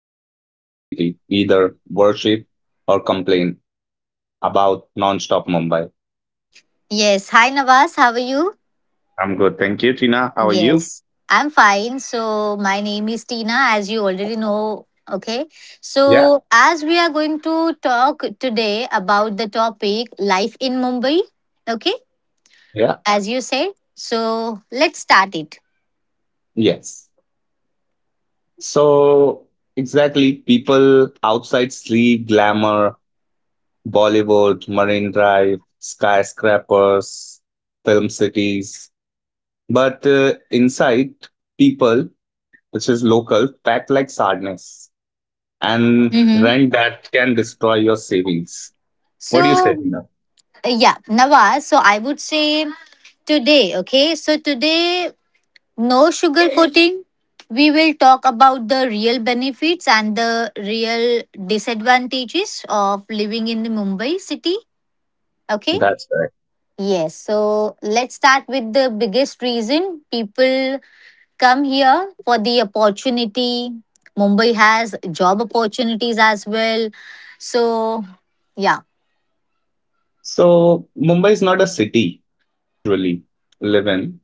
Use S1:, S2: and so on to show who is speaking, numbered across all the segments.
S1: which is Mumbai city, either worship or complain about non-stop Mumbai.
S2: Yes. Hi, Navas. How are you?
S1: I'm good. Thank you, Tina. How are you?
S2: Yes. I'm fine. So, my name is Tina, as you already know. Okay.
S1: Yeah.
S2: So, as we are going to talk today about the topic life in Mumbai. Okay.
S1: Yeah.
S2: As you said. So, let's start it.
S1: Yes. So exactly people outside sleep, glamour, Bollywood, Marine Drive, skyscrapers, film cities. But inside people, which is local, packed like sardines. And
S2: Mm-hmm.
S1: rent that can destroy your savings. What do you say,
S2: So,
S1: Tina?
S2: yeah, Nawaz. So, I would say today okay so today No sugar coating. We will talk about the real benefits and the real disadvantages of living in the Mumbai city. Okay.
S1: That's correct.
S2: Yes. So let's start with the biggest reason people come here for the opportunity. Mumbai has job opportunities as well. So, yeah.
S1: So Mumbai is not a city casually live in.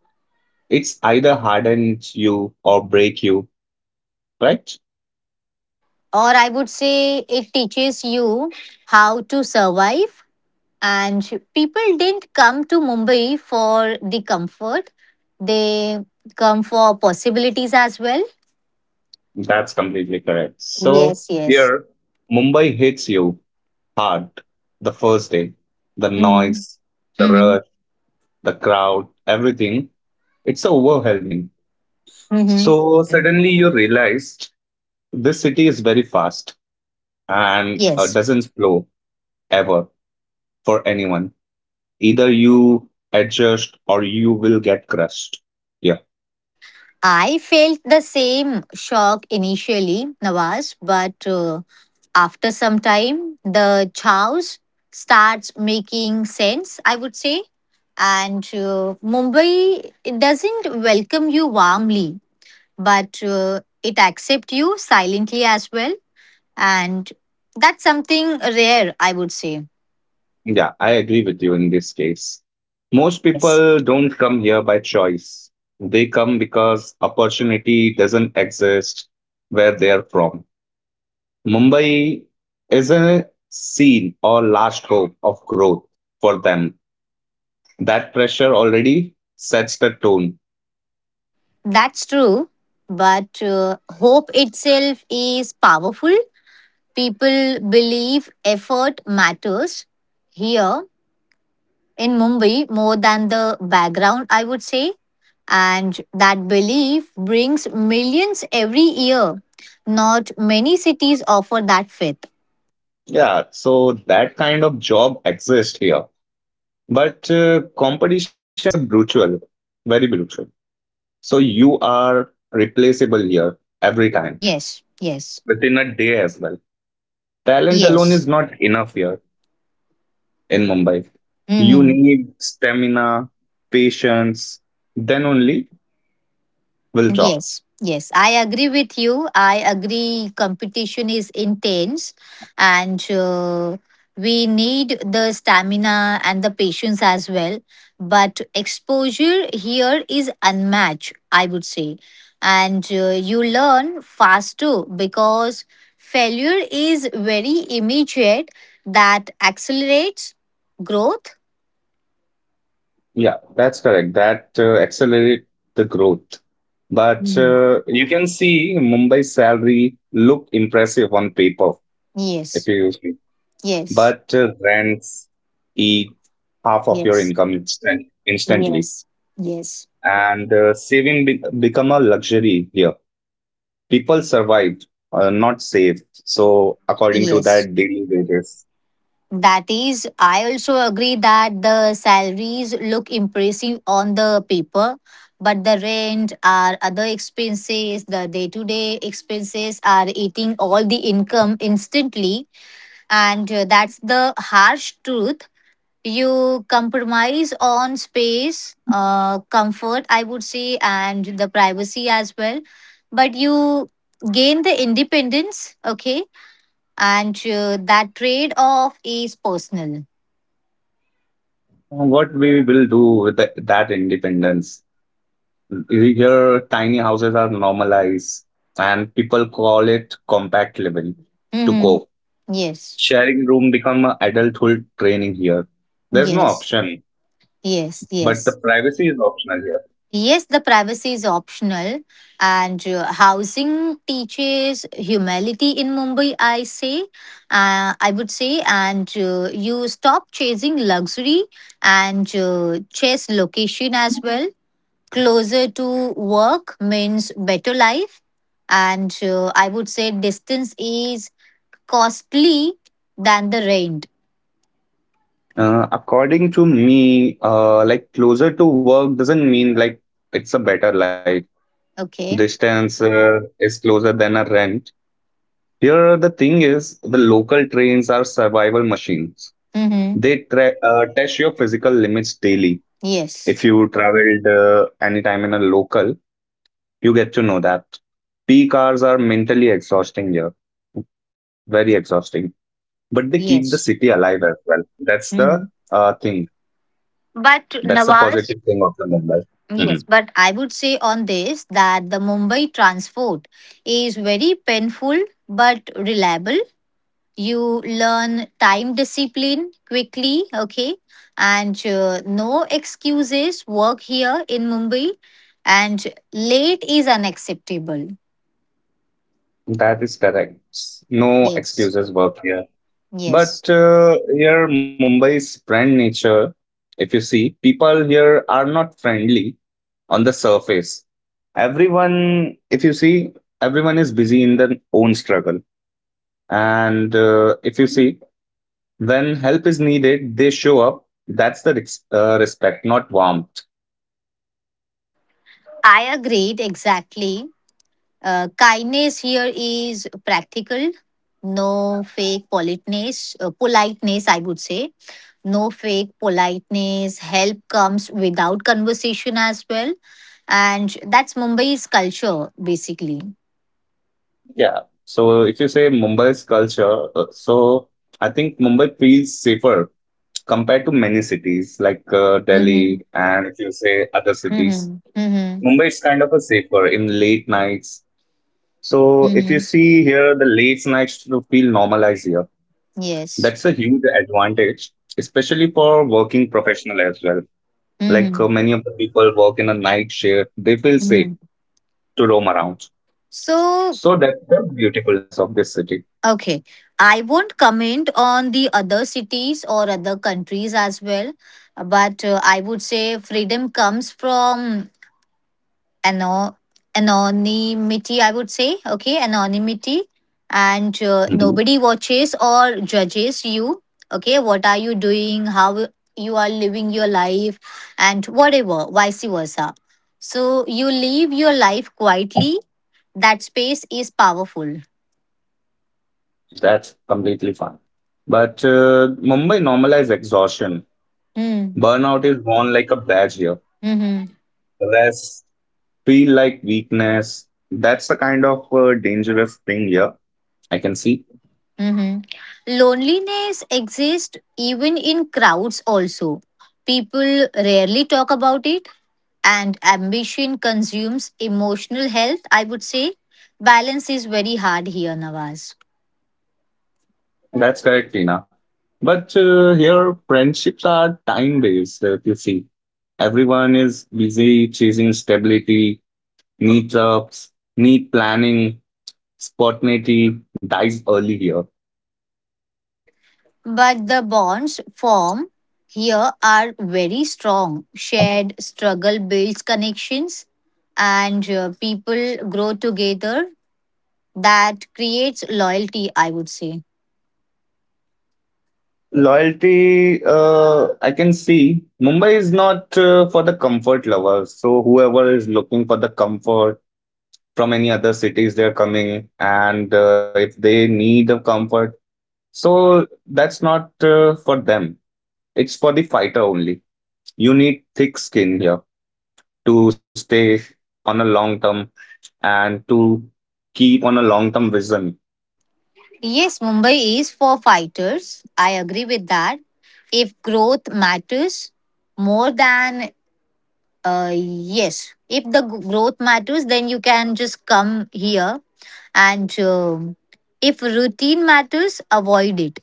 S1: It's either hardens you or break you, right?
S2: Or I would say it teaches you how to survive and people didn't come to Mumbai for the comfort, they come for possibilities as well.
S1: That's completely correct. So
S2: Yes, yes.
S1: here, Mumbai hits you hard the first day. The
S2: Hmm.
S1: noise, the
S2: Hmm.
S1: rush, the crowd, everything. It's so overwhelming.
S2: Hmm.
S1: So suddenly you realize this city is very fast and
S2: Yes,
S1: doesn't slow ever for anyone. Either you adjust or you will get crushed. Yeah.
S2: I felt the same shock initially, Nawaz, but after some time the chows starts making sense, I would say. and
S1: Mhm.
S2: uh, Mumbai, it doesn't welcome you warmly, but it accepts you silently as well. And that's something rare, I would say.
S1: Yeah, I agree with you in this case. Most
S2: Yes.
S1: people don't come here by choice. They come because opportunity doesn't exist where they are from. Mumbai is a scene or last hope of growth for them. That pressure already sets the tone.
S2: That's true. But hope itself is powerful. People believe effort matters here in Mumbai more than the background, I would say. And that belief brings millions every year. Not many cities offer that faith.
S1: Yeah, so that kind of job exists here. But competition is brutal, very brutal. So you are replaceable here every time
S2: Yes, yes,
S1: within a day as well. Talent alone
S2: yes.
S1: is not enough here in Mumbai. You
S2: Hmm.
S1: need stamina, patience, then only will talk.
S2: Yes, yes, I agree with you. I agree, competition is intense, and we need the stamina and the patience as well. But exposure here is unmatched, I would say. And you learn fast too because failure is very immediate, that accelerates growth.
S1: Yeah, that's correct. That accelerate the growth. But
S2: Mhm.
S1: you can see Mumbai salary look impressive on paper if
S2: Yes,
S1: you use
S2: yes,
S1: but rents eat half of your
S2: yes,
S1: income instantly
S2: yes, yes.
S1: and saving become a luxury here. People survive not save, so according to
S2: Yes,
S1: that daily wages
S2: that is, I also agree that the salaries look impressive on the paper, but the rent or other expenses, the day to day expenses are eating all the income instantly. And that's the harsh truth. You compromise on space, comfort, I would say, and the privacy as well. But you gain the independence, okay, and that trade off is personal.
S1: what we will do with that independence. We hear tiny houses are normalized and people call it compact living to
S2: Hmm.
S1: cope.
S2: Yes,
S1: Sharing room become a adulthood training here, there's no
S2: yes,
S1: option
S2: yes,
S1: but the
S2: yes.
S1: privacy is optional here.
S2: Yes, the privacy is optional, and housing teaches humility in Mumbai, I say. I would say, and you stop chasing luxury and chase location as well. Closer to work means better life, and I would say distance is costly than the rent.
S1: According to me, like closer to work doesn't mean like it's a better life.
S2: Okay.
S1: Distance is closer than a rent. Here, the thing is, the local trains are survival machines.
S2: Mm-hmm.
S1: They test your physical limits daily.
S2: Yes.
S1: If you traveled anytime in a local, you get to know that. Peak hours are mentally exhausting here, very exhausting. But they keep the city
S2: Yes.
S1: alive as well. That's the
S2: Mm-hmm.
S1: thing.
S2: But
S1: That's the positive
S2: Nawaz.
S1: thing of the Mumbai. Mhm.
S2: Yes, but I would say on this that the Mumbai transport is very painful but reliable. You learn time discipline quickly, okay, and no excuses work here in Mumbai, and late is unacceptable.
S1: That is correct. No
S2: Yes,
S1: excuses work here.
S2: yes,
S1: But here, Mumbai's friend nature, if you see, people here are not friendly on the surface. Everyone, if you see, everyone is busy in their own struggle. And if you see, when help is needed, they show up. That's the respect, not warmth.
S2: I agreed exactly. Kindness here is practical, no fake politeness, I would say. No fake politeness. Help comes without conversation as well. And that's Mumbai's culture, basically.
S1: Yeah. So if you say Mumbai's culture, so I think Mumbai feels safer compared to many cities like
S2: Mm-hmm.
S1: Delhi and if you say other cities,
S2: Mm-hmm. Mm-hmm.
S1: Mumbai is kind of a safer in late nights. So if you
S2: Mm-hmm.
S1: see here, the late nights to feel normalized here.
S2: Yes.
S1: That's a huge advantage, especially for working professional as well. Like
S2: Mm-hmm.
S1: many of the people work in a night shift, they feel safe
S2: Mm-hmm.
S1: to roam around.
S2: So,
S1: So that's the beautifulness of this city.
S2: okay. I won't comment on the other cities or other countries as well, but I would say freedom comes from ano- anonymity, I would say. Okay, anonymity. And
S1: Mhm.
S2: nobody watches or judges you. Okay, what are you doing? How you are living your life? And whatever, vice versa. So you live your life quietly. That space is powerful.
S1: That's completely fine. But Mumbai normalized exhaustion.
S2: Hmm.
S1: Burnout is worn like a badge here,
S2: Mhm.
S1: rest feel like weakness. That's the kind of dangerous thing here. I can see.
S2: Hmm. Loneliness exists even in crowds, also. People rarely talk about it, and ambition consumes emotional health, I would say. Balance is very hard here, Nawaz.
S1: That's correct, Tina. But here, friendships are time based, if you see. Everyone is busy chasing stability, meetups, need planning, spontaneity dies early here.
S2: But the bonds form here are very strong. Shared struggle builds connections, and people grow together. That creates loyalty, I would say.
S1: Loyalty, I can see. Mumbai is not for the comfort lovers. So, whoever is looking for the comfort, from any other cities they're coming and if they need a comfort, so that's not for them. It's for the fighter only. You need thick skin here to stay on a long term and to keep on a long term vision.
S2: Yes, Mumbai is for fighters. I agree with that. If growth matters more than, yes, if the growth matters, then you can just come here. And if routine matters, avoid it.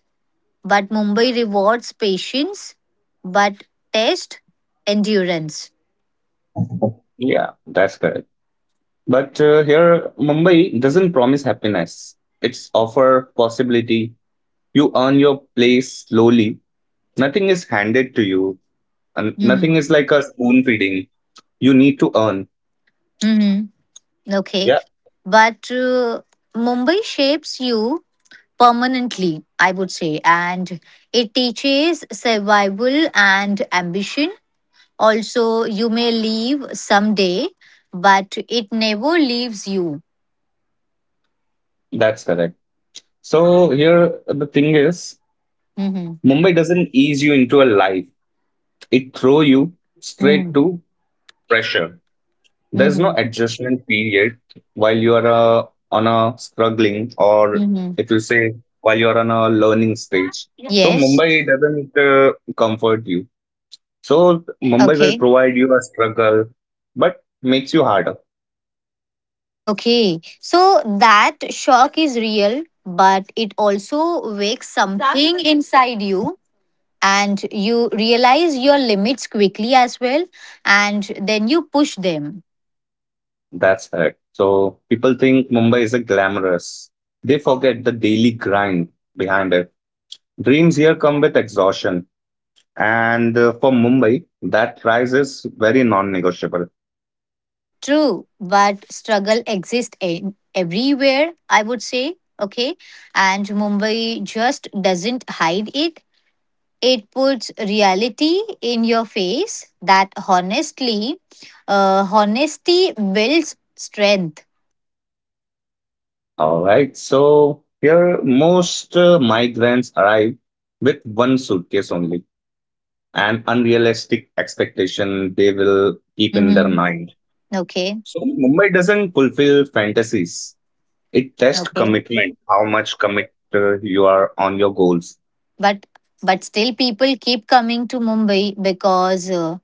S2: But Mumbai rewards patience, but test endurance.
S1: Yeah, that's correct. But here Mumbai doesn't promise happiness, it's offer possibility. You earn your place slowly, nothing is handed to you, and nothing is
S2: Mm-hmm.
S1: like a spoon feeding. You need to earn.
S2: Mm-hmm. Okay.
S1: Yeah,
S2: But Mumbai shapes you permanently, I would say. And it teaches survival and ambition. Also, you may leave someday, but it never leaves you.
S1: that's correct. So here the thing is,
S2: Hmm.
S1: Mumbai doesn't ease you into a life. It throw you straight
S2: Hmm.
S1: to pressure. There's no
S2: Hmm.
S1: adjustment period while you are on a struggling or
S2: Hmm.
S1: if you say while you are on a learning stage. So
S2: Yes.
S1: Mumbai doesn't comfort you. So Mumbai will
S2: Okay.
S1: provide you a struggle, but makes you harder.
S2: Okay. So that shock is real, but it also wakes something inside you. And you realize your limits quickly as well, and then you push them.
S1: That's correct. So people think Mumbai is a glamorous. They forget the daily grind behind it. Dreams here come with exhaustion. And for Mumbai, that price is very non negotiable.
S2: True, but struggle exists in everywhere, I would say. Okay. And Mumbai just doesn't hide it. It puts reality in your face that honestly, honesty builds strength.
S1: All right. So here, most migrants arrive with one suitcase only, an unrealistic expectation they will keep in their
S2: Hmm.
S1: mind.
S2: Okay.
S1: So Mumbai doesn't fulfill fantasies, it tests
S2: Okay.
S1: commitment, how much commit you are on your goals.
S2: But but still people keep coming to Mumbai because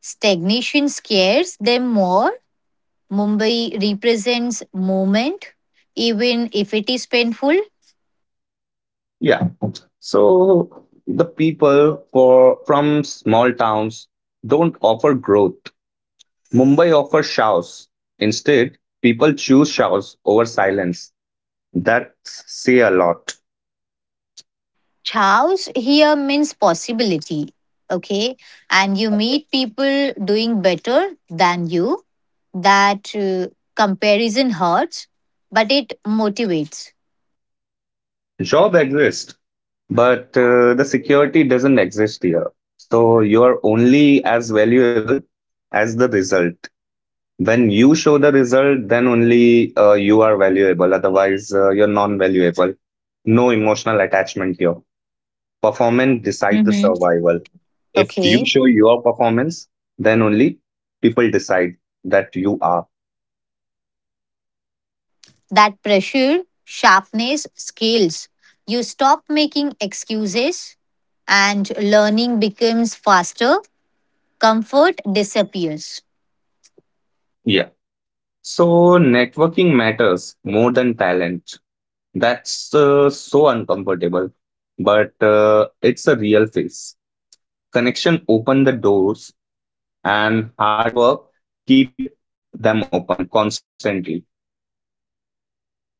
S2: stagnation scares them more. Mumbai represents movement, even if it is painful.
S1: Yeah. So the people for from small towns don't offer growth. Mumbai offers shouts. Instead, people choose shouts over silence. That say a lot.
S2: Chaos here means possibility. Okay. And you meet people doing better than you. That comparison hurts, but it motivates.
S1: Job exists, but the security doesn't exist here. So you are only as valuable as the result. When you show the result, then only you are valuable. Otherwise, you're non-valuable. No emotional attachment here. Performance decide the
S2: Hmm.
S1: survival. If you
S2: Okay.
S1: show your performance, then only people decide that you are.
S2: That pressure, sharpness, skills. You stop making excuses and learning becomes faster. Comfort disappears.
S1: Yeah, so networking matters more than talent. That's so uncomfortable, but it's a real face. Connection open the doors, and hard work keep them open constantly.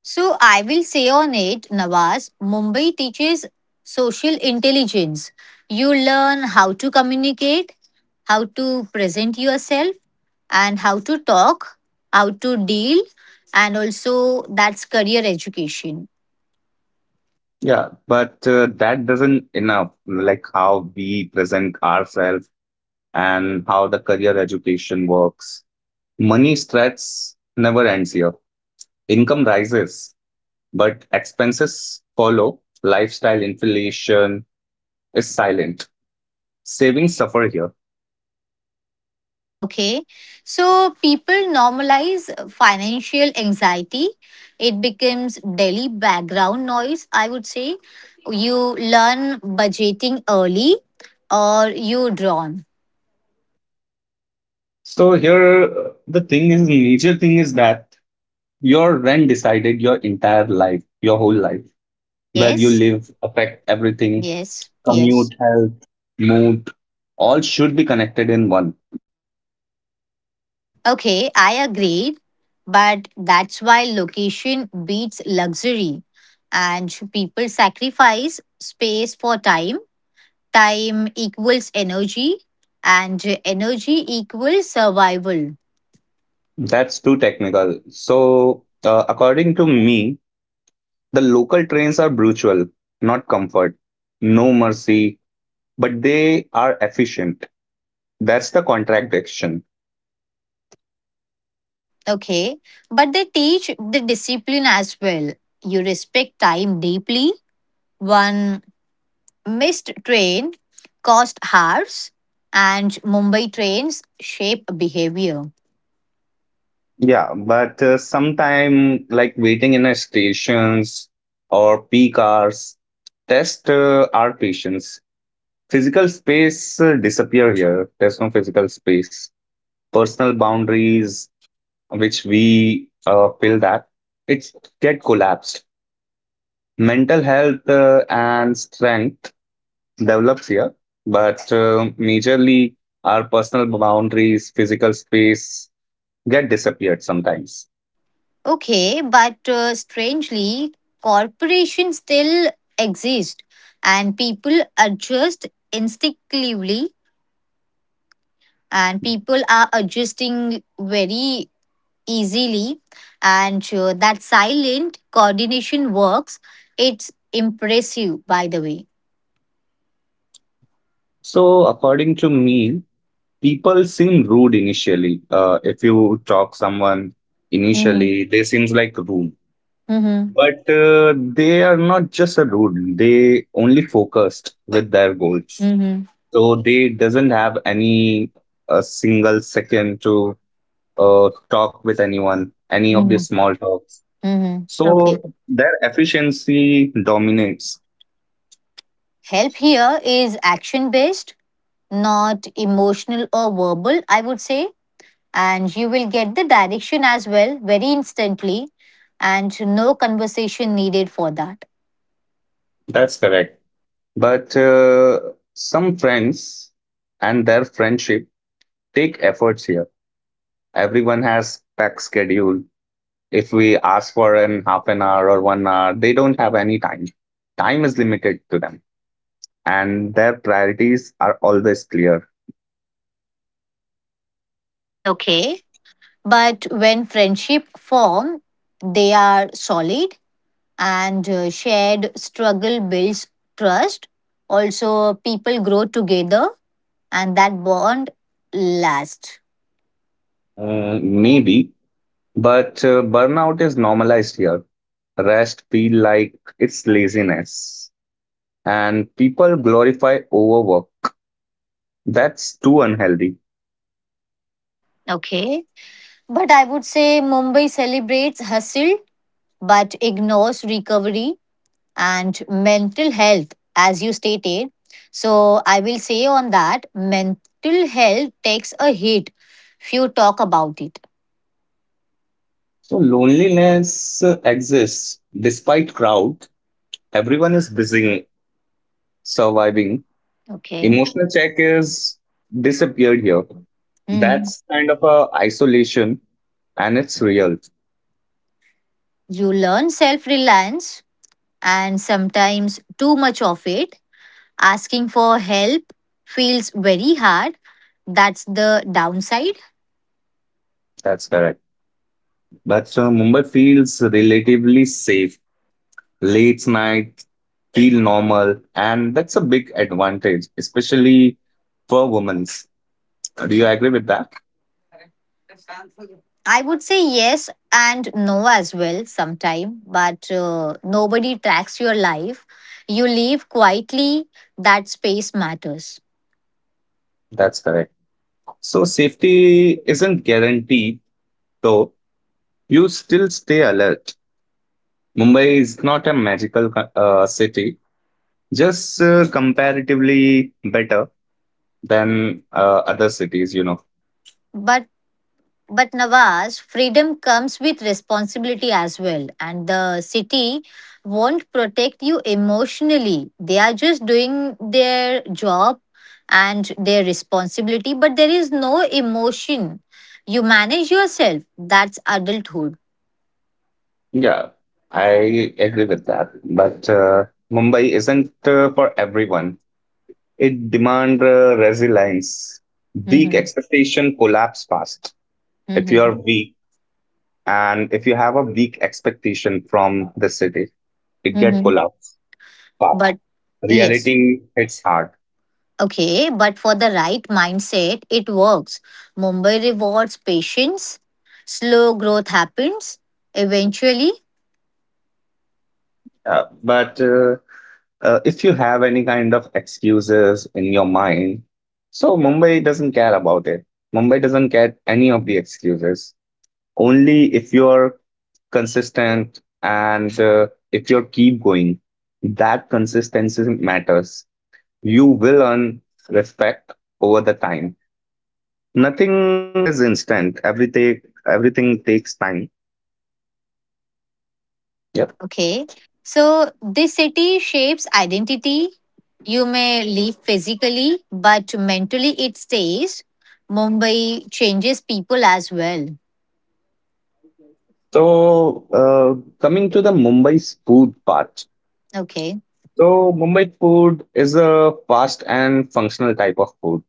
S2: So I will say on it, Nawaz, Mumbai teaches social intelligence. You learn how to communicate, how to present yourself, and how to talk, how to deal, and also that's career education.
S1: Yeah, but that doesn't enough, like how we present ourselves and how the career education works. Money stress never ends here. Income rises, but expenses follow. Lifestyle inflation is silent. Savings suffer here.
S2: Okay. So people normalize financial anxiety. It becomes daily background noise, I would say. You learn budgeting early or you drawn.
S1: So here the thing is major thing is that your rent decided your entire life, your whole life. Where you
S2: Yes,
S1: live affect everything,
S2: yes, yes.
S1: commute, health, mood, all should be connected in one.
S2: Okay, I agreed. But that's why location beats luxury. And people sacrifice space for time. Time equals energy, and energy equals survival.
S1: That's too technical. So according to me, the local trains are brutal, not comfort, no mercy, but they are efficient. That's the contradiction.
S2: Okay, but they teach the discipline as well. You respect time deeply. One missed train cost hours, and Mumbai trains shape behavior.
S1: Yeah, but sometime like waiting in a stations or peak hours test our patience. Physical space disappear here. There's no physical space. Personal boundaries, which we feel that it's get collapsed. Mental health and strength develops here, but majorly our personal boundaries, physical space get disappeared sometimes.
S2: Okay, but strangely, corporations still exist and people adjust instinctively and people are adjusting very easily and that silent coordination works. It's impressive, by the way.
S1: So, according to me, people seem rude initially. If you talk someone
S2: Mm-hmm.
S1: initially, they seems like rude,
S2: Mm-hmm.
S1: but they are not just a rude. They only focused with their goals,
S2: Mm-hmm.
S1: so they doesn't have any a single second to talk with anyone, any of the
S2: Mm-hmm.
S1: small talks.
S2: Mm-hmm.
S1: So
S2: Okay. Mhm.
S1: their efficiency dominates.
S2: Help here is action based, not emotional or verbal, I would say. And you will get the direction as well very instantly, and no conversation needed for that.
S1: That's correct. But some friends and their friendship take efforts here. Everyone has packed schedule. If we ask for an half an hour or 1 hour, they don't have any time. Time is limited to them, and their priorities are always clear.
S2: Okay, but when friendship form, they are solid, and shared struggle builds trust, also people grow together, and that bond lasts.
S1: Maybe, but burnout is normalized here. Rest feel like it's laziness and people glorify overwork. That's too unhealthy.
S2: Okay, but I would say Mumbai celebrates hustle but ignores recovery and mental health, as you stated. So, I will say on that mental health takes a hit if you talk about it.
S1: So loneliness exists despite crowd. Everyone is busy surviving.
S2: Okay.
S1: Emotional check is disappeared here.
S2: Hmm.
S1: That's kind of a isolation and it's real.
S2: You learn self reliance and sometimes too much of it. Asking for help feels very hard. That's the downside.
S1: That's correct. But Mumbai feels relatively safe. Late night feel normal and that's a big advantage, especially for women. Do you agree with that?
S2: I would say yes and no as well sometime, but nobody tracks your life. You live quietly, that space matters.
S1: That's correct. So safety isn't guaranteed, though you still stay alert. Mumbai is not a magical city, just comparatively better than other cities,
S2: But but Nawaz, freedom comes with responsibility as well, and the city won't protect you emotionally. They are just doing their job and their responsibility, but there is no emotion. You manage yourself. That's adulthood.
S1: Yeah, I agree with that. But Mumbai isn't for everyone. It demands resilience. Weak
S2: Hmm.
S1: expectation collapse fast. If you are weak and if you have a weak expectation from the city, it get
S2: Hmm.
S1: collapse fast.
S2: But yes,
S1: Reality hits hard.
S2: okay, but for the right mindset, it works. Mumbai rewards patience, slow growth happens eventually.
S1: But If you have any kind of excuses in your mind, so Mumbai doesn't care about it. Mumbai doesn't care any of the excuses. Only if you're consistent and if you keep going, that consistency matters. You will earn respect over the time. Nothing is instant. Everything takes time. Yep.
S2: Okay, so this city shapes identity. You may leave physically, but mentally it stays. Mumbai changes people as well.
S1: So, coming to the Mumbai's food part.
S2: Okay,
S1: So, Mumbai food is a fast and functional type of food.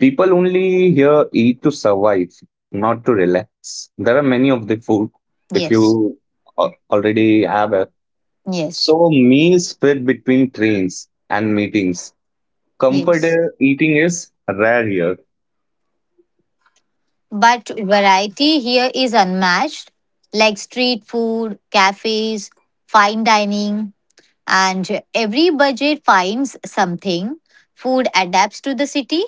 S1: People only here eat to survive, not to relax. There are many of the food if
S2: yes,
S1: you already have a.
S2: yes,
S1: So, meals fit between trains and meetings. Comfort
S2: yes.
S1: eating is rare here.
S2: But variety here is unmatched, like street food, cafes, fine dining, and every budget finds something. Food adapts to the city.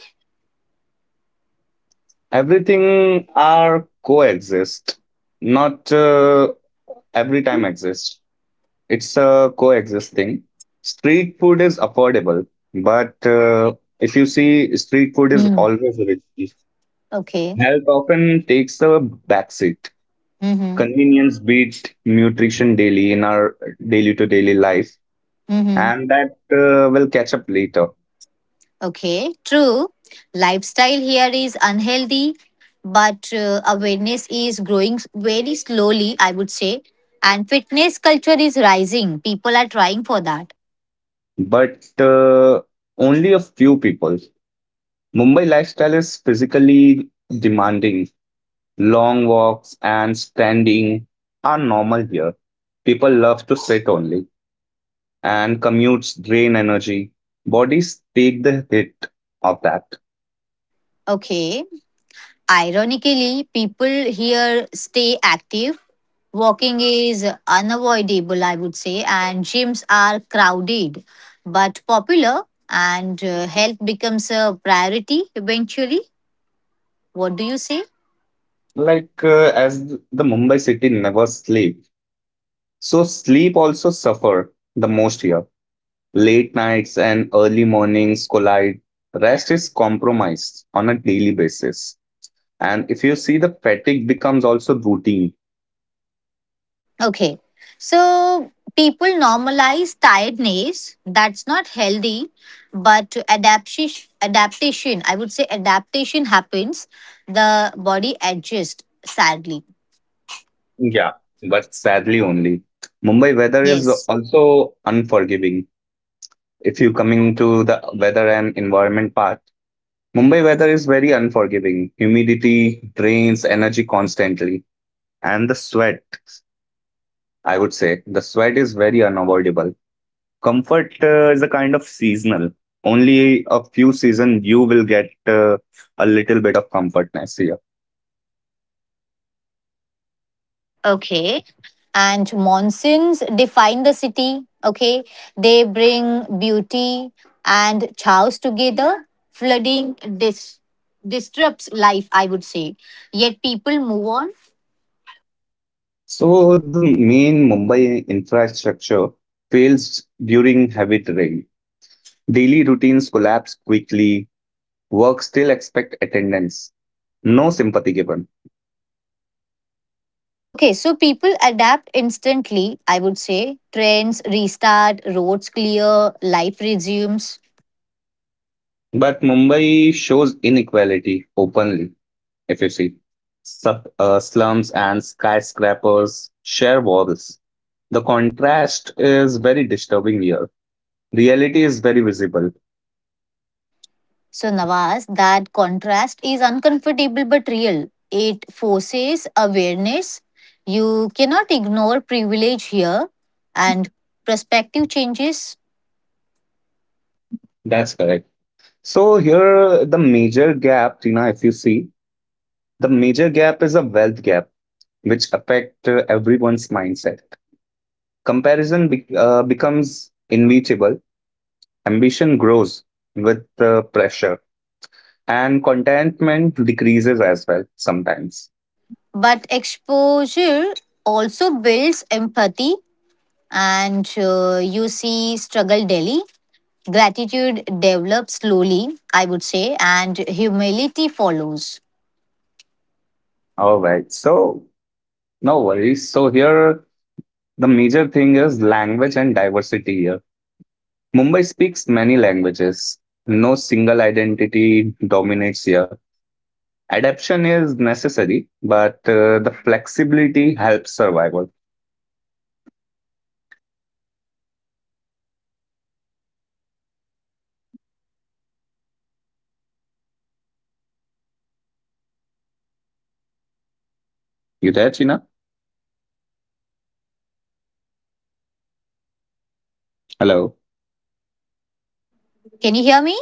S1: Everything are coexist, not every time exist. It's a coexisting. Street food is affordable, but if you see, street food is
S2: Hmm.
S1: always rich.
S2: Okay.
S1: Health often takes a backseat.
S2: Mm-hmm.
S1: Convenience beats nutrition daily in our daily to daily life,
S2: Mm-hmm.
S1: and that will catch up later.
S2: Okay. True. Lifestyle here is unhealthy, but awareness is growing very slowly, I would say. And fitness culture is rising. People are trying for that.
S1: But only a few people. Mumbai lifestyle is physically demanding. Long walks and standing are normal here. People love to sit only and commutes drain energy. Bodies take the hit of that.
S2: Okay. Ironically, people here stay active. Walking is unavoidable, I would say, and gyms are crowded but popular, and health becomes a priority eventually. What do you say?
S1: Like as the Mumbai city never sleep, so sleep also suffer the most here. Late nights and early mornings collide. Rest is compromised on a daily basis, and if you see the fatigue becomes also routine.
S2: Okay. So people normalize tiredness. That's not healthy, but adaptation, I would say adaptation happens. The body adjusts sadly.
S1: Yeah, but sadly only. Mumbai weather is
S2: Yes.
S1: also unforgiving. If you coming to the weather and environment part, Mumbai weather is very unforgiving. Humidity drains energy constantly, and the sweat, I would say, the sweat is very unavoidable. Comfort is a kind of seasonal. Only a few seasons you will get a little bit of comfortness here.
S2: Okay. And monsoons define the city. Okay. They bring beauty and chaos together. Flooding disrupts life, I would say. Yet people move on.
S1: So the main Mumbai infrastructure fails during heavy rain. Daily routines collapse quickly. Work still expect attendance. No sympathy given.
S2: Okay. So people adapt instantly, I would say. Trains restart, roads clear, life resumes.
S1: But Mumbai shows inequality openly, if you see. Slums and skyscrapers share walls. The contrast is very disturbing here. Reality is very visible.
S2: So, Nawaz, that contrast is uncomfortable but real. It forces awareness. You cannot ignore privilege here, and perspective changes.
S1: That's correct. So, here the major gap, Tina, if you see, the major gap is a wealth gap, which affect everyone's mindset. Comparison becomes inevitable. Ambition grows with pressure and contentment decreases as well sometimes.
S2: But exposure also builds empathy, and you see struggle daily. Gratitude develops slowly, I would say, and humility follows.
S1: All right, so no worries. So here the major thing is language and diversity here. Mumbai speaks many languages. No single identity dominates here. Adaptation is necessary, but the flexibility helps survival. You there, China? Hello.
S2: Can you hear me?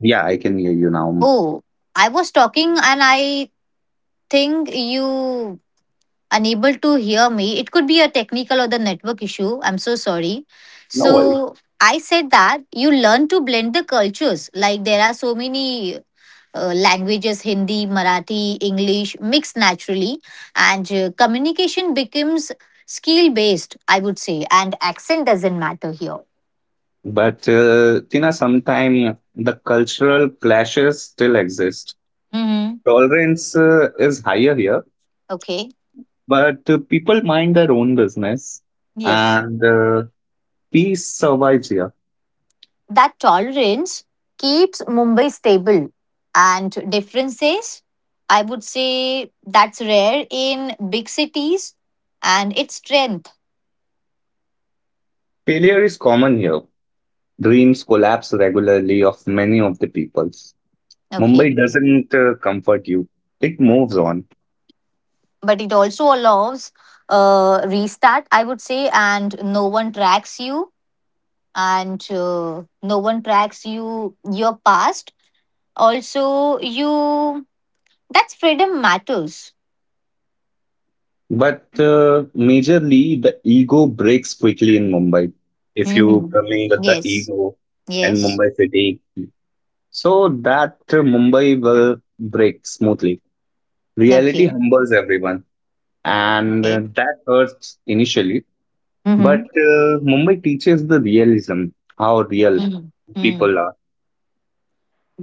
S1: Yeah, I can hear you now.
S2: Oh, I was talking, and I think you unable to hear me. It could be a technical or the network issue. I'm so sorry.
S1: No way.
S2: So I said that you learn to blend the cultures. Like there are so many languages, Hindi, Marathi, English mixed naturally, and communication becomes skill based, I would say, and accent doesn't matter here.
S1: But Tina, sometimes the cultural clashes still exist.
S2: Mm-hmm.
S1: Tolerance is higher here,
S2: Okay.
S1: but people mind their own business
S2: Yes.
S1: and peace survives here.
S2: That tolerance keeps Mumbai stable. And differences, I would say that's rare in big cities and its strength.
S1: Failure is common here. Dreams collapse regularly of many of the peoples.
S2: Okay.
S1: Mumbai doesn't comfort you, it moves on.
S2: But it also allows restart, I would say, and no one tracks you and no one tracks you, your past. Also, you, that's freedom matters.
S1: But majorly, the ego breaks quickly in Mumbai if you
S2: Mhm.
S1: come in with the
S2: Yes.
S1: ego and
S2: Yes.
S1: Mumbai city. So that Mumbai will break smoothly. Reality
S2: Okay.
S1: humbles everyone and
S2: Okay.
S1: that hurts initially. But
S2: Mm-hmm.
S1: Mumbai teaches the realism, how real
S2: Mm-hmm. Mm-hmm.
S1: people are.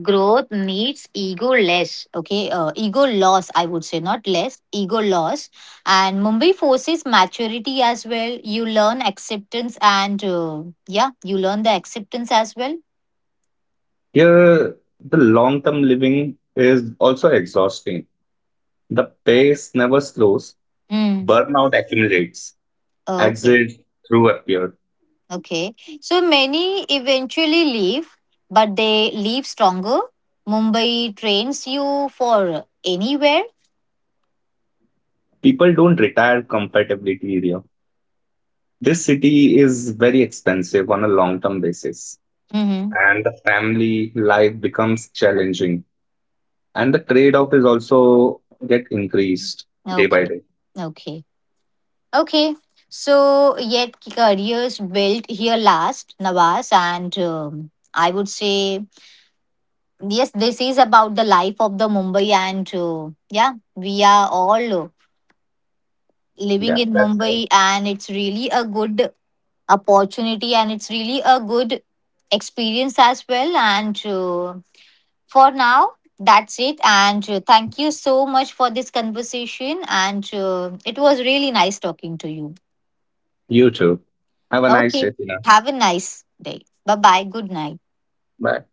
S2: Growth needs ego less, okay, ego loss, I would say, not less. Ego loss. And Mumbai forces maturity as well. You learn acceptance and yeah, you learn the acceptance as well.
S1: Here, the long term living is also exhausting. The pace never slows,
S2: Hmm.
S1: burnout accumulates,
S2: Okay.
S1: exit through appear.
S2: Okay. So many eventually leave, but they leave stronger. Mumbai trains you for anywhere.
S1: People don't retire comfortably here. This city is very expensive on a long term basis,
S2: Mm-hmm.
S1: and the family life becomes challenging, and the trade off is also get increased day by
S2: Okay.
S1: day.
S2: Okay. Okay, so yet careers built here last, Nawaz, and I would say, yes, this is about the life of the Mumbai, and yeah, we are all living
S1: Yeah.
S2: in
S1: That's right.
S2: Mumbai, and it's really a good opportunity and it's really a good experience as well. And For now, that's it. And Thank you so much for this conversation, and it was really nice talking to you.
S1: You too. Have a nice
S2: Okay.
S1: day, Tina.
S2: Have a nice day. Bye bye. Good night.
S1: Bye.